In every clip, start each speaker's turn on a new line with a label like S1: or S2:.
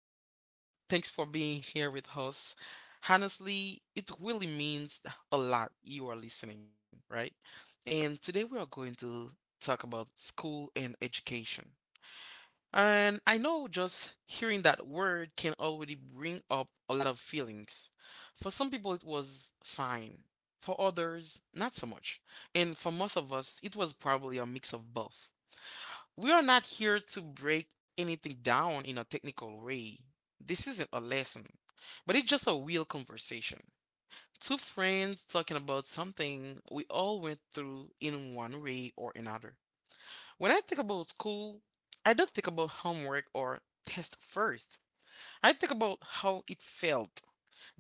S1: welcome. Thanks for being here with us. Honestly, it really means a lot you are listening, right? And today we are going to talk about school and education. And I know just hearing that word can already bring up a lot of feelings. For some people, it was fine. For others, not so much. And for most of us, it was probably a mix of both. We are not here to break anything down in a technical way. This isn't a lesson, but it's just a real conversation. Two friends talking about something we all went through in one way or another. When I think about school, I don't think about homework or test first. I think about how it felt,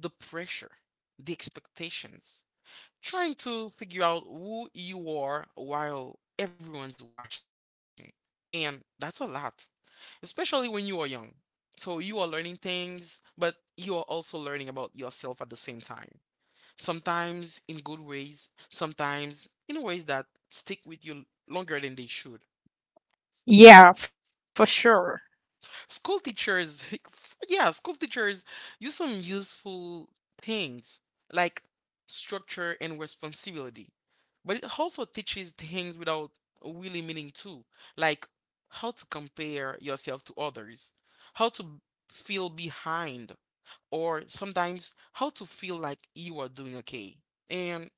S1: the pressure, the expectations, trying to figure out who you are while everyone's watching. And that's a lot especially when you are young. So you are learning things, but you are also learning about yourself at the same time. Sometimes in good ways, sometimes in ways that stick with you longer than they should.
S2: Yeah, for sure.
S1: School teachers, yeah, school teachers use some useful things like structure and responsibility, but it also teaches things without really meaning to, like how to compare yourself to others, how to feel behind, or sometimes how to feel like you are doing okay. And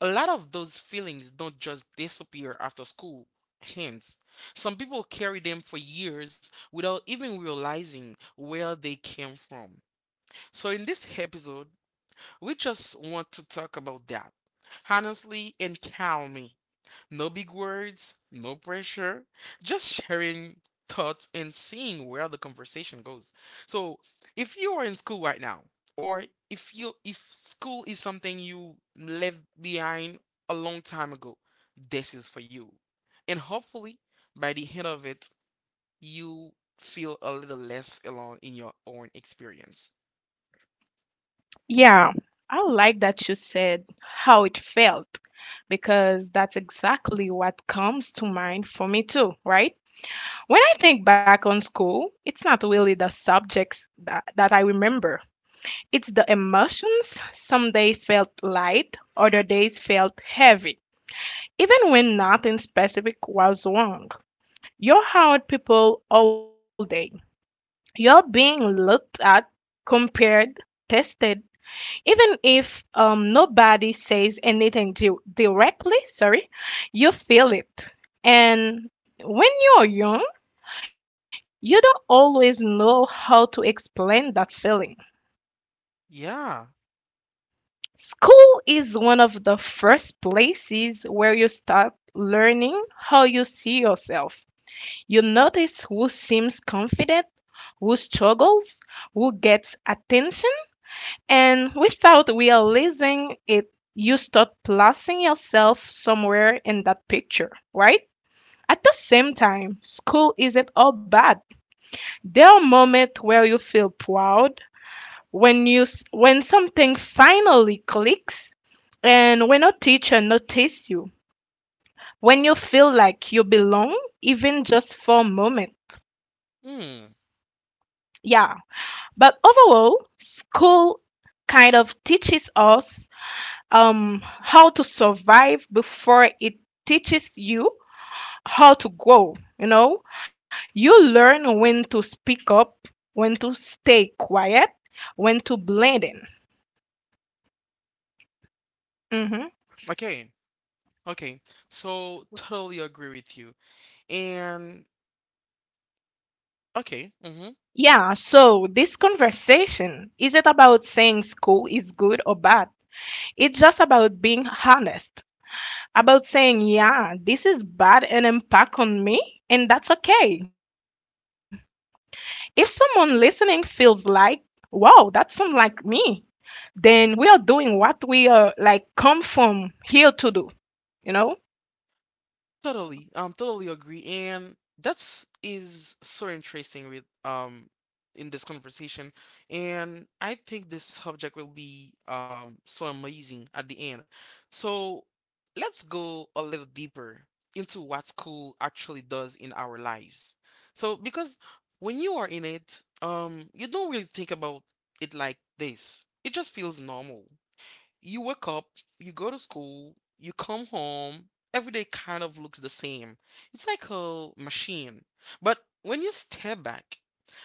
S1: a lot of those feelings don't just disappear after school. Hence, some people carry them for years without even realizing where they came from. So, in this episode, we just want to talk about that honestly and calmly. No big words, no pressure, just sharing thoughts and seeing where the conversation goes. So, if you are in school right now, or if school is something you left behind a long time ago, this is for you. And hopefully, by the end of it, you feel a little less alone in your own experience.
S2: Yeah, I like that you said how it felt because that's exactly what comes to mind for me too, right? When I think back on school, it's not really the subjects that I remember. It's the emotions. Some days felt light, other days felt heavy, even when nothing specific was wrong. You're around people all day. You're being looked at, compared, tested even if nobody says anything directly sorry you feel it and when you're young you don't always know how to explain that feeling.
S1: Yeah.
S2: School is one of the first places where you start learning how you see yourself. You notice who seems confident, who struggles, who gets attention. And without realizing it, you start placing yourself somewhere in that picture, right? At the same time, school isn't all bad. There are moments where you feel proud, when something finally clicks, and when a teacher notices you, when you feel like you belong, even just for a moment.
S1: Hmm.
S2: Yeah. But overall, school kind of teaches us how to survive before it teaches you how to grow. You know, you learn when to speak up, when to stay quiet, when to blend in. hmm
S1: Okay. Okay. So totally agree with you. And okay. Mm-hmm.
S2: Yeah, so this conversation isn't about saying school is good or bad. It's just about being honest, about saying, yeah, this is bad and impact on me, and that's okay. If someone listening feels like, wow, that sounds like me, then we are doing what we are like come from here to do, you know?
S1: Totally agree, and that's is so interesting with in this conversation, and I think this subject will be so amazing at the end. So let's go a little deeper into what school actually does in our lives. So because when you are in it, you don't really think about it like this. It just feels normal. You wake up, you go to school, you come home. Every day kind of looks the same. It's like a machine. But when you step back,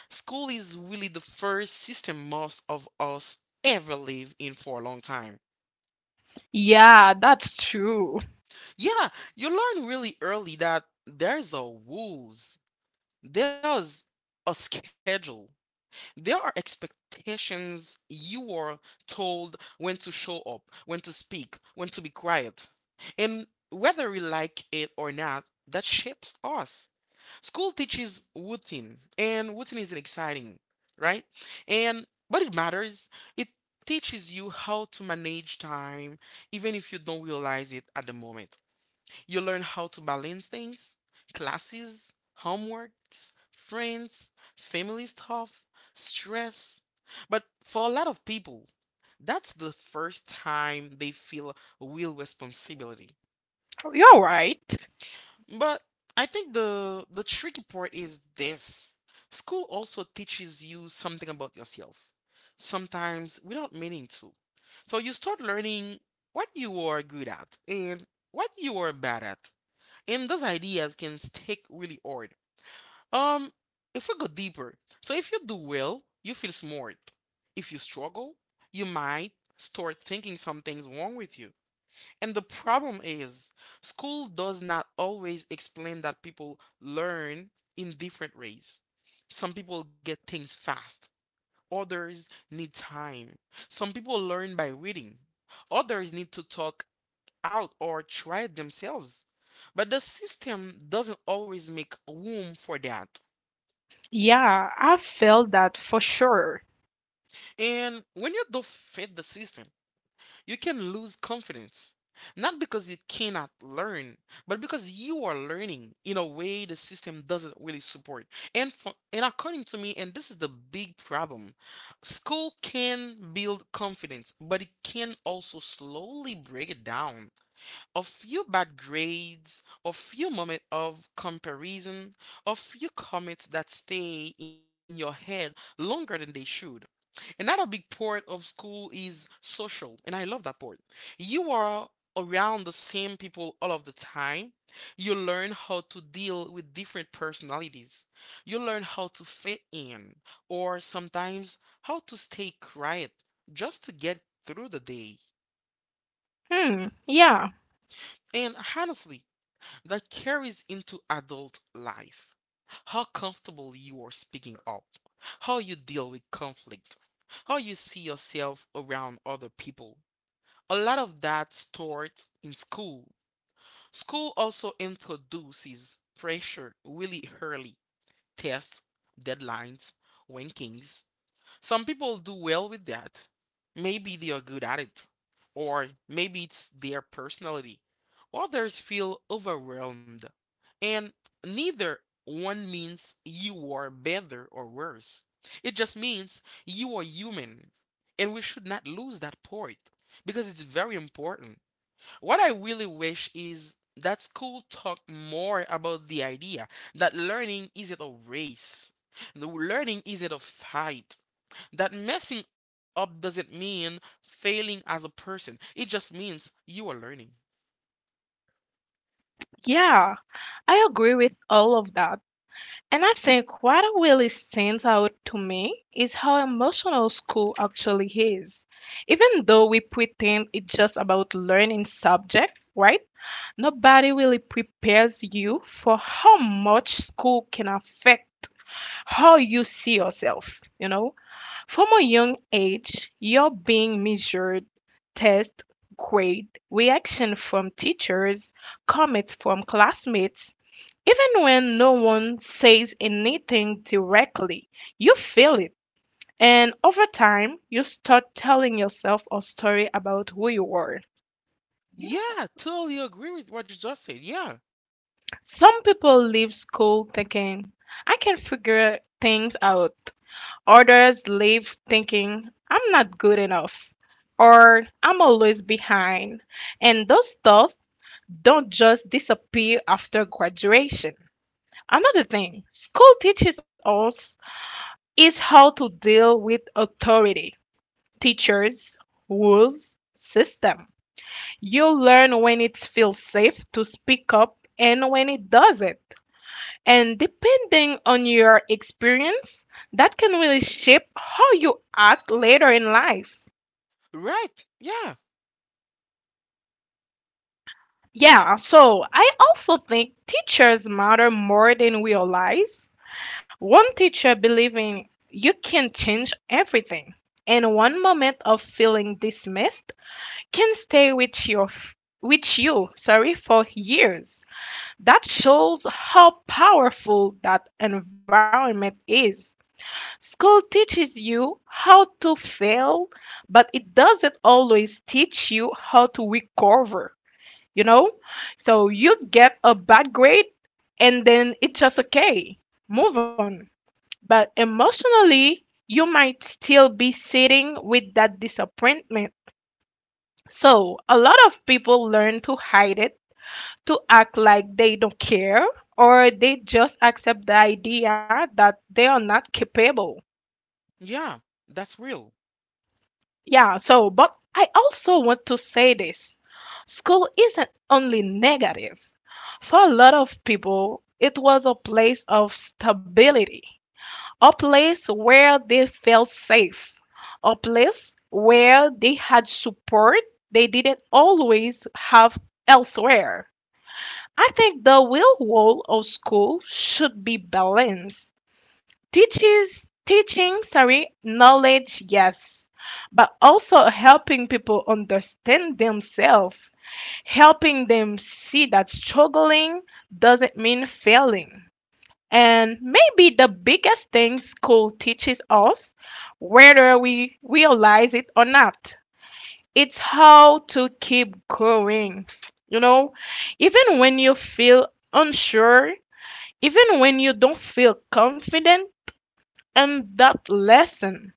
S1: school is really the first system most of us ever live in for a long time.
S2: Yeah, that's true.
S1: Yeah, you learn really early that there's a rules, there's a schedule, there are expectations. You are told when to show up, when to speak, when to be quiet. And whether we like it or not, that shapes us. School teaches routine, and routine is not exciting, right? And but it matters. It teaches you how to manage time, even if you don't realize it at the moment. You learn how to balance things, classes, homeworks, friends, family stuff, stress. But for a lot of people, that's the first time they feel real responsibility.
S2: You're right.
S1: But I think the tricky part is this. School also teaches you something about yourself, sometimes without meaning to. So you start learning what you are good at and what you are bad at, and those ideas can stick really hard. Um, if we go deeper, so if you do well, you feel smart. If you struggle, you might start thinking something's wrong with you. And the problem is, school does not always explain that people learn in different ways. Some people get things fast, others need time. Some people learn by reading, others need to talk out or try it themselves. But the system doesn't always make room for that.
S2: Yeah, I felt that for sure.
S1: And when you don't fit the system, you can lose confidence. Not because you cannot learn, but because you are learning in a way the system doesn't really support. And according to me, and this is the big problem, school can build confidence, but it can also slowly break it down. A few bad grades, a few moments of comparison, a few comments that stay in your head longer than they should. Another big part of school is social, and I love that part. You are around the same people all of the time. You learn how to deal with different personalities. You learn how to fit in, or sometimes how to stay quiet just to get through the day.
S2: Hmm, yeah,
S1: And honestly, that carries into adult life. How comfortable you are speaking up, how you deal with conflict, how you see yourself around other people. A lot of that starts in school. School also introduces pressure really early: tests, deadlines, rankings. Some people do well with that. Maybe they are good at it, or maybe it's their personality. Others feel overwhelmed, and neither one means you are better or worse. It just means you are human, and we should not lose that point because it's very important. What I really wish is that school talk more about the idea that learning isn't a race, the learning isn't a fight, that messing up doesn't mean failing as a person, it just means you are learning.
S2: yeah. I agree with all of that. And I think what really stands out to me is how emotional school actually is. Even though we pretend it's just about learning subject, right? Nobody really prepares you for how much school can affect how you see yourself, you know? From a young age, you're being measured, test, grade, reaction from teachers, comments from classmates. Even when no one says anything directly, you feel it. And over time, you start telling yourself a story about who you are.
S1: Yeah, totally agree with what you just said. Yeah,
S2: Some people leave school thinking, I can figure things out. Others leave thinking, I'm not good enough or I'm always behind. And those thoughts don't just disappear after graduation. Another thing school teaches us is how to deal with authority, teachers, rules, system. You learn when it feels safe to speak up and when it doesn't. And depending on your experience, that can really shape how you act later in life.
S1: right. Yeah,
S2: Yeah, so I also think teachers matter more than we realize. One teacher believing you can change everything, and one moment of feeling dismissed can stay with you, sorry, for years. That shows how powerful that environment is. School teaches you how to fail, but it doesn't always teach you how to recover, you know? So you get a bad grade and then it's just okay. Move on. But emotionally, you might still be sitting with that disappointment. So a lot of people learn to hide it, to act like they don't care, or they just accept the idea that they are not capable.
S1: yeah, that's real.
S2: Yeah, so, but I also want to say this. School isn't only negative. For a lot of people, it was a place of stability, a place where they felt safe, a place where they had support they didn't always have elsewhere. I think the real role of school should be balanced, teaches teaching sorry knowledge yes, but also helping people understand themselves, helping them see that struggling doesn't mean failing. And maybe the biggest thing school teaches us, whether we realize it or not, it's how to keep going. You know, even when you feel unsure, even when you don't feel confident. And that lesson,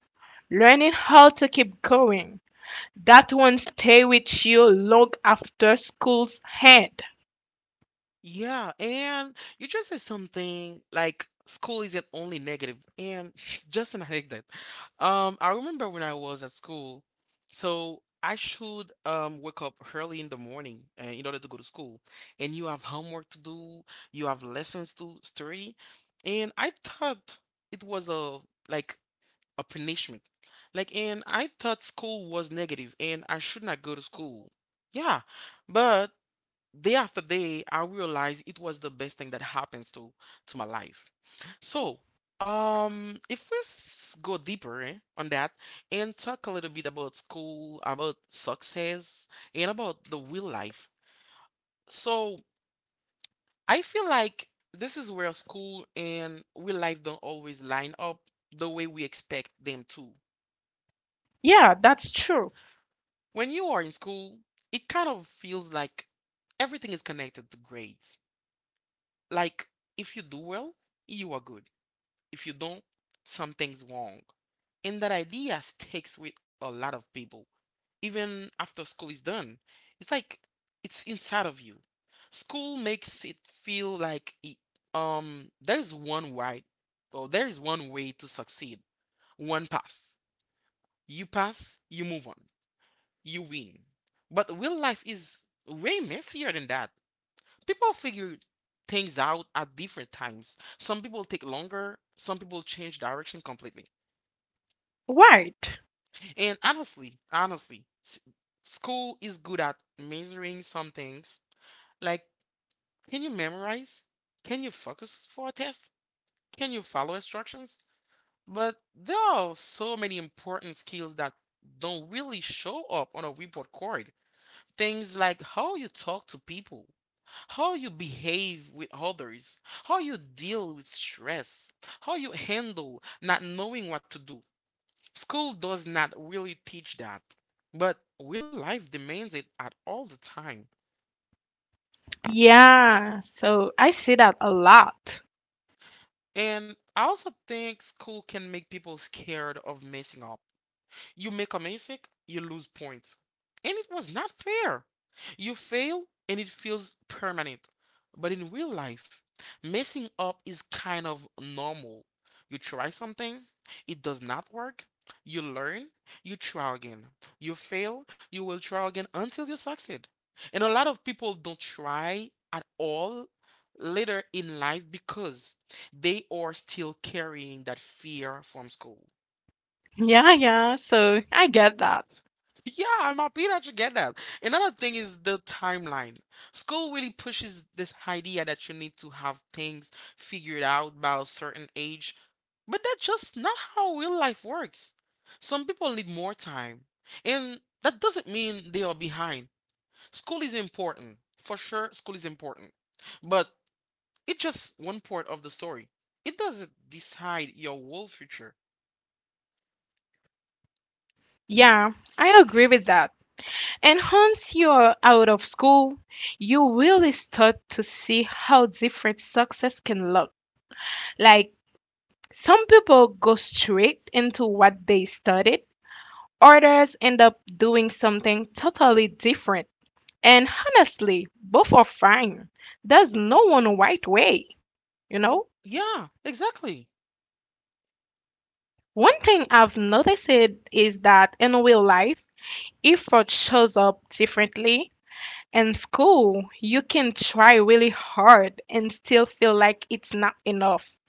S2: learning how to keep going, that one stay with you long after school's end.
S1: Yeah, and you just said something like school isn't only negative, and just an anecdote. I remember when I was at school, so I should wake up early in the morning in order to go to school, and you have homework to do, you have lessons to study, and I thought it was a like a punishment, like, and I thought school was negative, and I should not go to school. Yeah, but day after day, I realized it was the best thing that happens to my life. So, if we go deeper on that and talk a little bit about school, about success, and about the real life. So, I feel like this is where school and real life don't always line up the way we expect them to.
S2: Yeah, that's true.
S1: When you are in school, it kind of feels like everything is connected to grades, like if you do well, you are good. If you don't, something's wrong. And that idea sticks with a lot of people. Even after school is done, it's like it's inside of you. School makes it feel like there's one right, or there is one way to succeed, one path. You pass, you move on, you win. But real life is way messier than that. People figure things out at different times. Some people take longer, some people change direction completely.
S2: Right.
S1: And honestly, school is good at measuring some things. Like, can you memorize? Can you focus for a test? Can you follow instructions? But there are so many important skills that don't really show up on a report card. Things like how you talk to people, how you behave with others, how you deal with stress, how you handle not knowing what to do. School does not really teach that, but real life demands it at all the time.
S2: Yeah, so I see that a lot.
S1: And I also think school can make people scared of messing up. You make a mistake, you lose points. And it was not fair. You fail and it feels permanent. But in real life, messing up is kind of normal. You try something, it does not work. You learn, you try again. You fail, you will try again until you succeed. And a lot of people don't try at all later in life because they are still carrying that fear from school.
S2: Yeah, yeah, so I get that.
S1: Yeah, I'm happy that you get that. Another thing is the timeline. School really pushes this idea that you need to have things figured out by a certain age, but that's just not how real life works. Some people need more time, and that doesn't mean they are behind. School is important. For sure, school is important, but it's just one part of the story. It doesn't decide your whole future.
S2: Yeah, I agree with that. And once you're out of school, you really start to see how different success can look. Like, some people go straight into what they studied, others end up doing something totally different. And honestly, both are fine. There's no one right way, you
S1: Y-
S2: know?
S1: Yeah, exactly.
S2: One thing I've noticed is that in real life, effort shows up differently. In school, you can try really hard and still feel like it's not enough.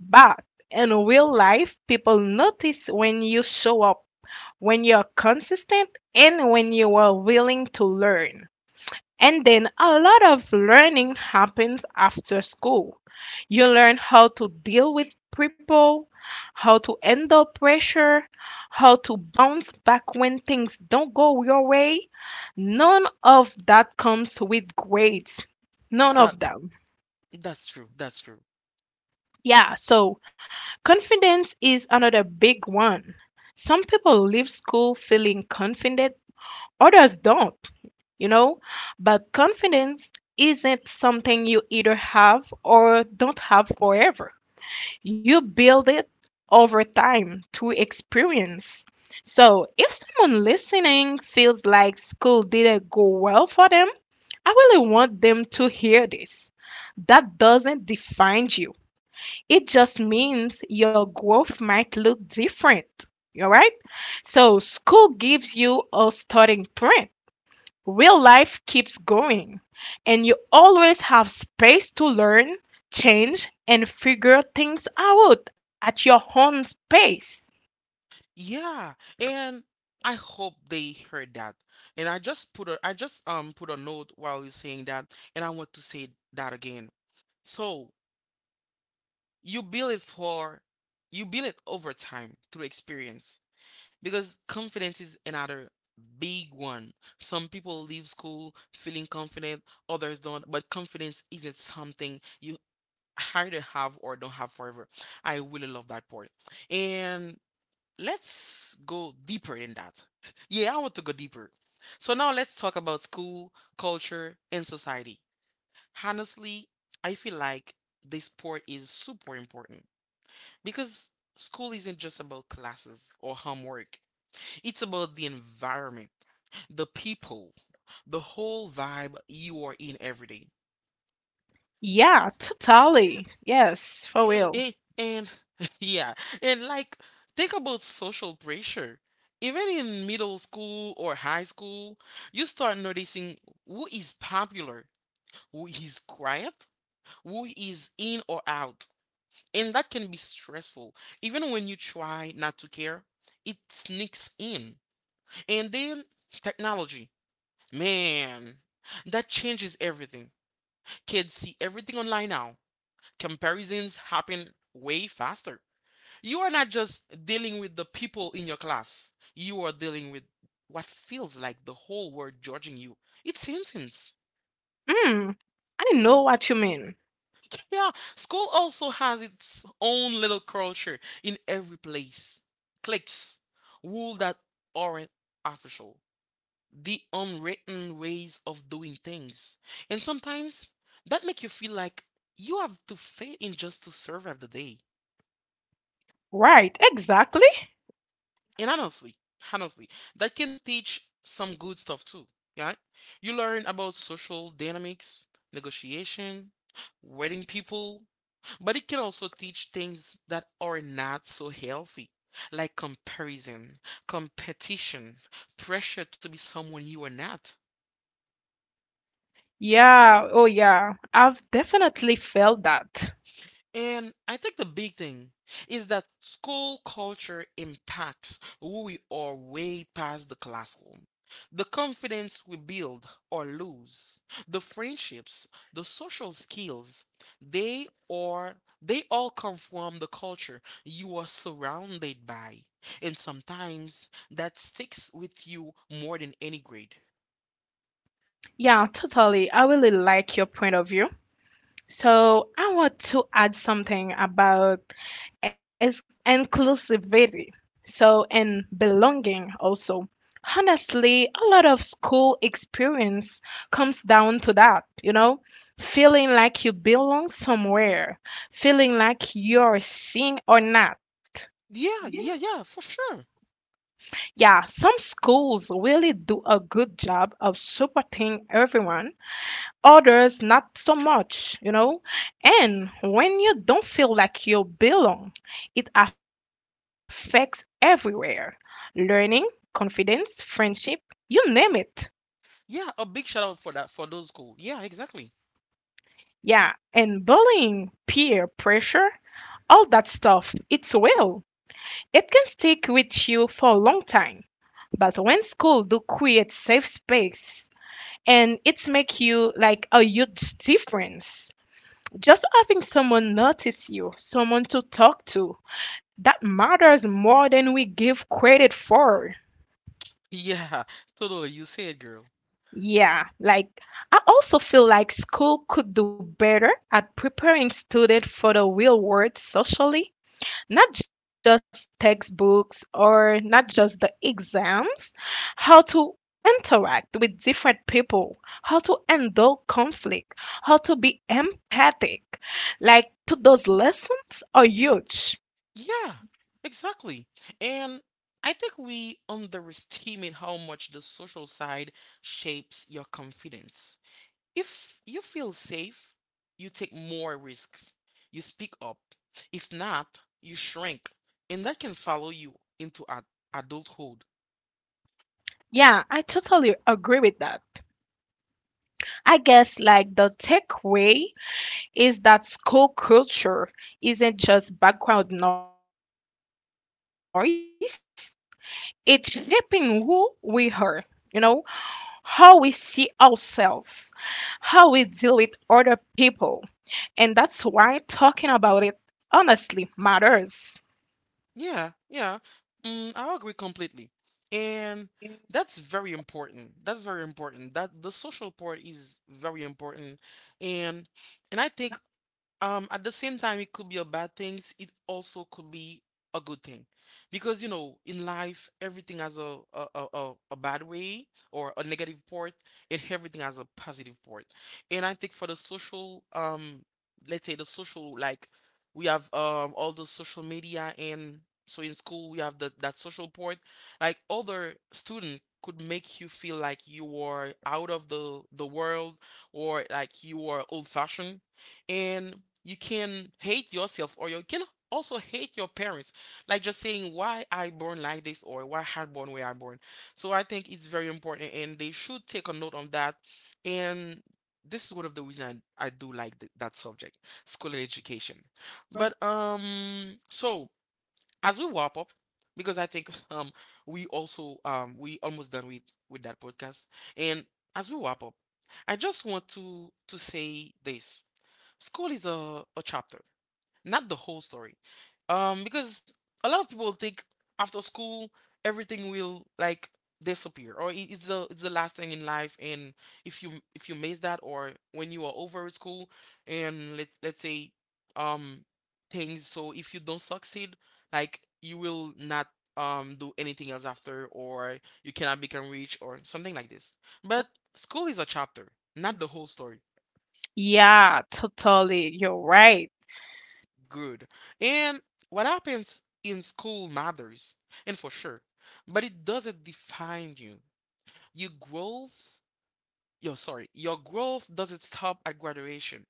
S2: But in real life, people notice when you show up, when you're consistent, and when you are willing to learn. And then a lot of learning happens after school. You learn how to deal with people, how to handle pressure, how to bounce back when things don't go your way. None of that comes with grades. None
S1: That
S2: of them.
S1: that's true. That's true.
S2: Yeah, so confidence is another big one. Some people leave school feeling confident, others don't, you know? But confidence isn't something you either have or don't have forever. You build it over time through experience. So, if someone listening feels like school didn't go well for them, I really want them to hear this. That doesn't define you. It just means your growth might look different. All right? So, school gives you a starting point. Real life keeps going, and you always have space to learn, change, and figure things out at your own pace.
S1: Yeah, and I hope they heard that. And I just put a note while you're saying that, and I want to say that again. So you build it for you build it over time through experience, because confidence is another big one. Some people leave school feeling confident, others don't, but confidence isn't something you either have or don't have forever. I really love that part. And let's go deeper in that. Yeah, I want to go deeper. So now let's talk about school, culture, and society. Honestly, I feel like this part is super important because school isn't just about classes or homework. It's about the environment, the people, the whole vibe you are in every day.
S2: Yeah, totally. Yes, for
S1: Eh,
S2: real.
S1: and yeah, and like think about social pressure. Even in middle school or high school, you start noticing who is popular, who is quiet, who is in or out. And that can be stressful. Even when you try not to care, it sneaks in. And then technology. Man, that changes everything. Kids see everything online now. Comparisons happen way faster. You are not just dealing with the people in your class. You are dealing with what feels like the whole world judging you. It's intense.
S2: Mm, I know what you mean.
S1: Yeah, school also has its own little culture in every place. Cliques, rules that aren't official, the unwritten ways of doing things, and sometimes that make you feel like you have to fit in just to survive the day.
S2: Right, exactly.
S1: And honestly, that can teach some good stuff too, yeah? You learn about social dynamics, negotiation, wedding people, but it can also teach things that are not so healthy, like comparison, competition, pressure to be someone you are not.
S2: Yeah, oh yeah, I've definitely felt that.
S1: And I think the big thing is that school culture impacts who we are way past the classroom. The confidence we build or lose, the friendships, the social skills, they are they all come from the culture you are surrounded by. And sometimes that sticks with you more than any grade.
S2: Yeah, totally. I really like your point of view. So I want to add something about is inclusivity. So and belonging also. Honestly, a lot of school experience comes down to that, you know, feeling like you belong somewhere, feeling like you're seen or not.
S1: Yeah, yeah, yeah, for sure.
S2: Yeah, some schools really do a good job of supporting everyone, others not so much, you know. And when you don't feel like you belong, it affects everywhere, learning, confidence, friendship, you name it.
S1: Yeah, a big shout out for that, for those schools. Yeah, exactly.
S2: Yeah, and bullying, peer pressure, all that stuff, it's real. It can stick with you for a long time. But when school do create safe space and it make you like a huge difference. Just having someone notice you, someone to talk to, that matters more than we give credit for.
S1: Yeah, totally. You say it, girl.
S2: Yeah, like, I also feel like school could do better at preparing students for the real world socially, not just textbooks or not just the exams, how to interact with different people, how to handle conflict, how to be empathic. Like to those lessons are huge.
S1: Yeah, exactly. And I think we underestimate how much the social side shapes your confidence. If you feel safe, you take more risks. You speak up. If not, you shrink. And that can follow you into ad adulthood.
S2: Yeah, I totally agree with that. I guess like the takeaway is that school culture isn't just background noise, it's shaping who we are, you know, how we see ourselves, how we deal with other people. And that's why talking about it honestly matters.
S1: Yeah, yeah. Mm, I agree completely. And that's very important. That's very important. That the social part is very important. And I think at the same time it could be a bad thing. It also could be a good thing, because you know in life everything has a bad way or a negative part, and everything has a positive part. And I think for the social, let's say the social, like we have all the social media. And so in school we have the that social part, like other student could make you feel like you are out of the world, or like you are old fashioned. And you can hate yourself, or you can also hate your parents, like just saying why I born like this, or why I born where I born. So I think it's very important and they should take a note on that. And this is one of the reasons I do like that subject, school and education. But so as we wrap up, because I think we also we almost done with that podcast. And as we wrap up, I just want to say this: school is a chapter, not the whole story. Because a lot of people think after school everything will like disappear, or it's the last thing in life. And if you, if you miss that, or when you are over at school, and let's say, um things, so if you don't succeed, like you will not do anything else after, or you cannot become rich or something like this. But school is a chapter, not the whole story.
S2: Yeah, totally. You're right.
S1: Good. And what happens in school matters, and for sure, but it doesn't define you. Your growth, your growth doesn't stop at graduation.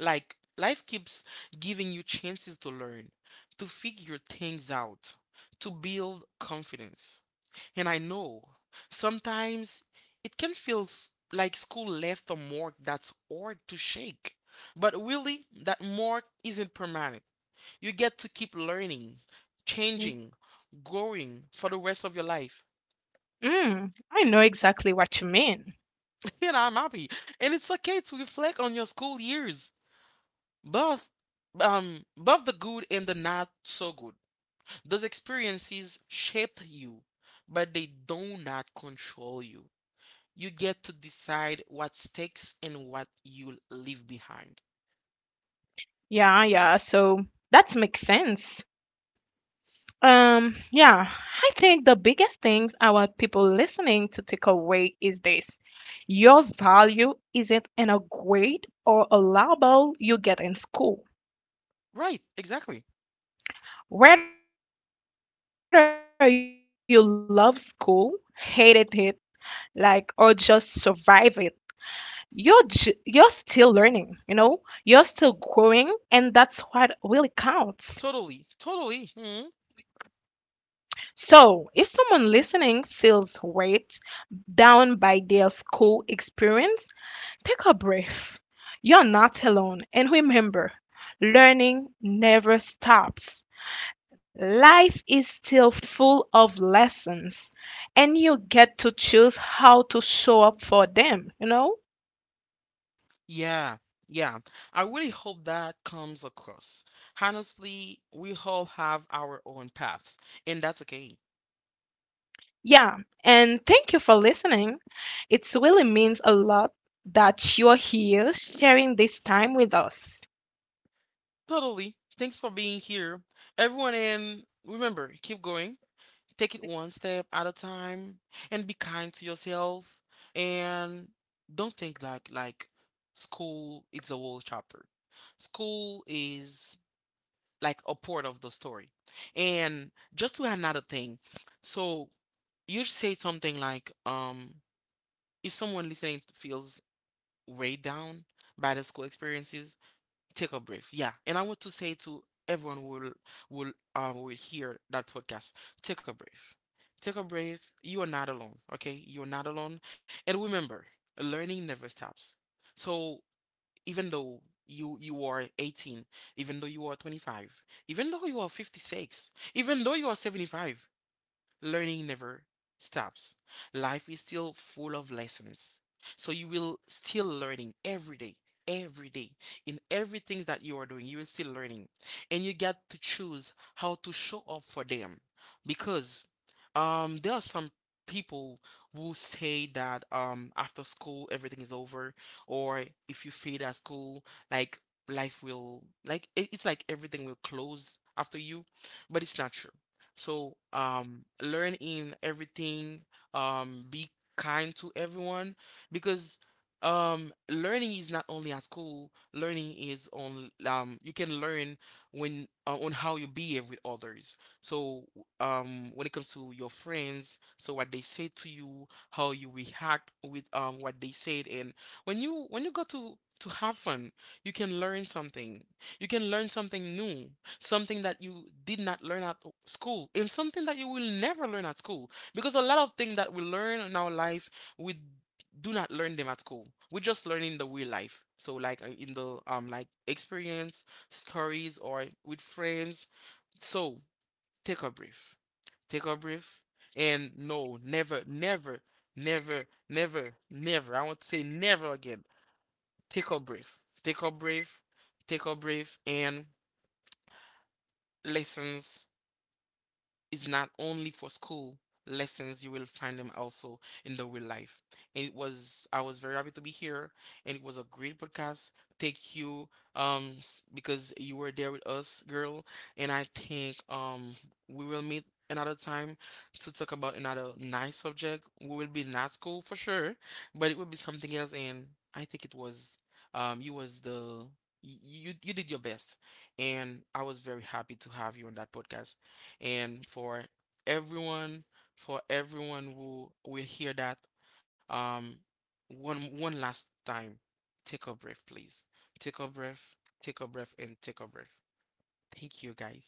S1: Like life keeps giving you chances to learn, to figure things out, to build confidence. And I know sometimes it can like school left a mark that's hard to shake. But really, that mark isn't permanent. You get to keep learning, changing, growing for the rest of your life.
S2: Mm, I know exactly what you mean.
S1: And I'm happy. And it's okay to reflect on your school years, both both the good and the not so good. Those experiences shaped you, but they do not control you. You get to decide what sticks and what you leave behind.
S2: Yeah, yeah. So that makes sense. Yeah, I think the biggest thing I want people listening to take away is this. Your value isn't in a grade or a label you get in school.
S1: Right, exactly.
S2: Whether you love school, hated it, like, or just survive it, you're still learning, you know? You're still growing, and that's what really counts.
S1: Totally, totally. Mhm.
S2: So, if someone listening feels weighed down by their school experience, take a breath. You're not alone. And remember, learning never stops. Life is still full of lessons, and you get to choose how to show up for them, you know?
S1: Yeah, yeah. I really hope that comes across. Honestly, we all have our own paths, and that's okay.
S2: Yeah. And thank you for listening. It really means a lot that you're here sharing this time with us.
S1: Totally. Thanks for being here, everyone. And remember, keep going. Take it one step at a time and be kind to yourself. And don't think like school is a whole chapter. School is like a part of the story. And just to add another thing. So you say something like, if someone listening feels weighed down by the school experiences, take a breath. Yeah. And I want to say to everyone who will hear that podcast, take a breath. Take a breath. You are not alone. Okay? You're not alone. And remember, learning never stops. So even though you are 18, even though you are 25, even though you are 56, even though you are 75, learning never stops. Life is still full of lessons. So you will still learning every day, every day. In everything that you are doing, you are still learning. And you get to choose how to show up for them. Because there are some people who say that after school everything is over, or if you fail at school, like life will like it's like everything will close after you. But it's not true. So learn in everything. Be kind to everyone, because learning is not only at school. Learning is on, you can learn when on how you behave with others. So when it comes to your friends, so what they say to you, how you react with, what they said. And when you go to have fun, you can learn something. You can learn something new, something that you did not learn at school, and something that you will never learn at school. Because a lot of things that we learn in our life, we do not learn them at school. We just learn in the real life, so like in the, like experience, stories, or with friends. So take a breath, take a breath. And no, never never, I want to say never again, take a breath, take a breath, take a breath. And lessons is not only for school, lessons you will find them also in the real life. And it was, I was very happy to be here, and it was a great podcast. Thank you. Because you were there with us, girl. And I think we will meet another time to talk about another nice subject. We will be not school for sure, but it will be something else. And I think it was, you was the, you did your best, and I was very happy to have you on that podcast. And everyone, for everyone who will hear that, um, one last time, take a breath, please. Take a breath, take a breath, and take a breath. Thank you, guys.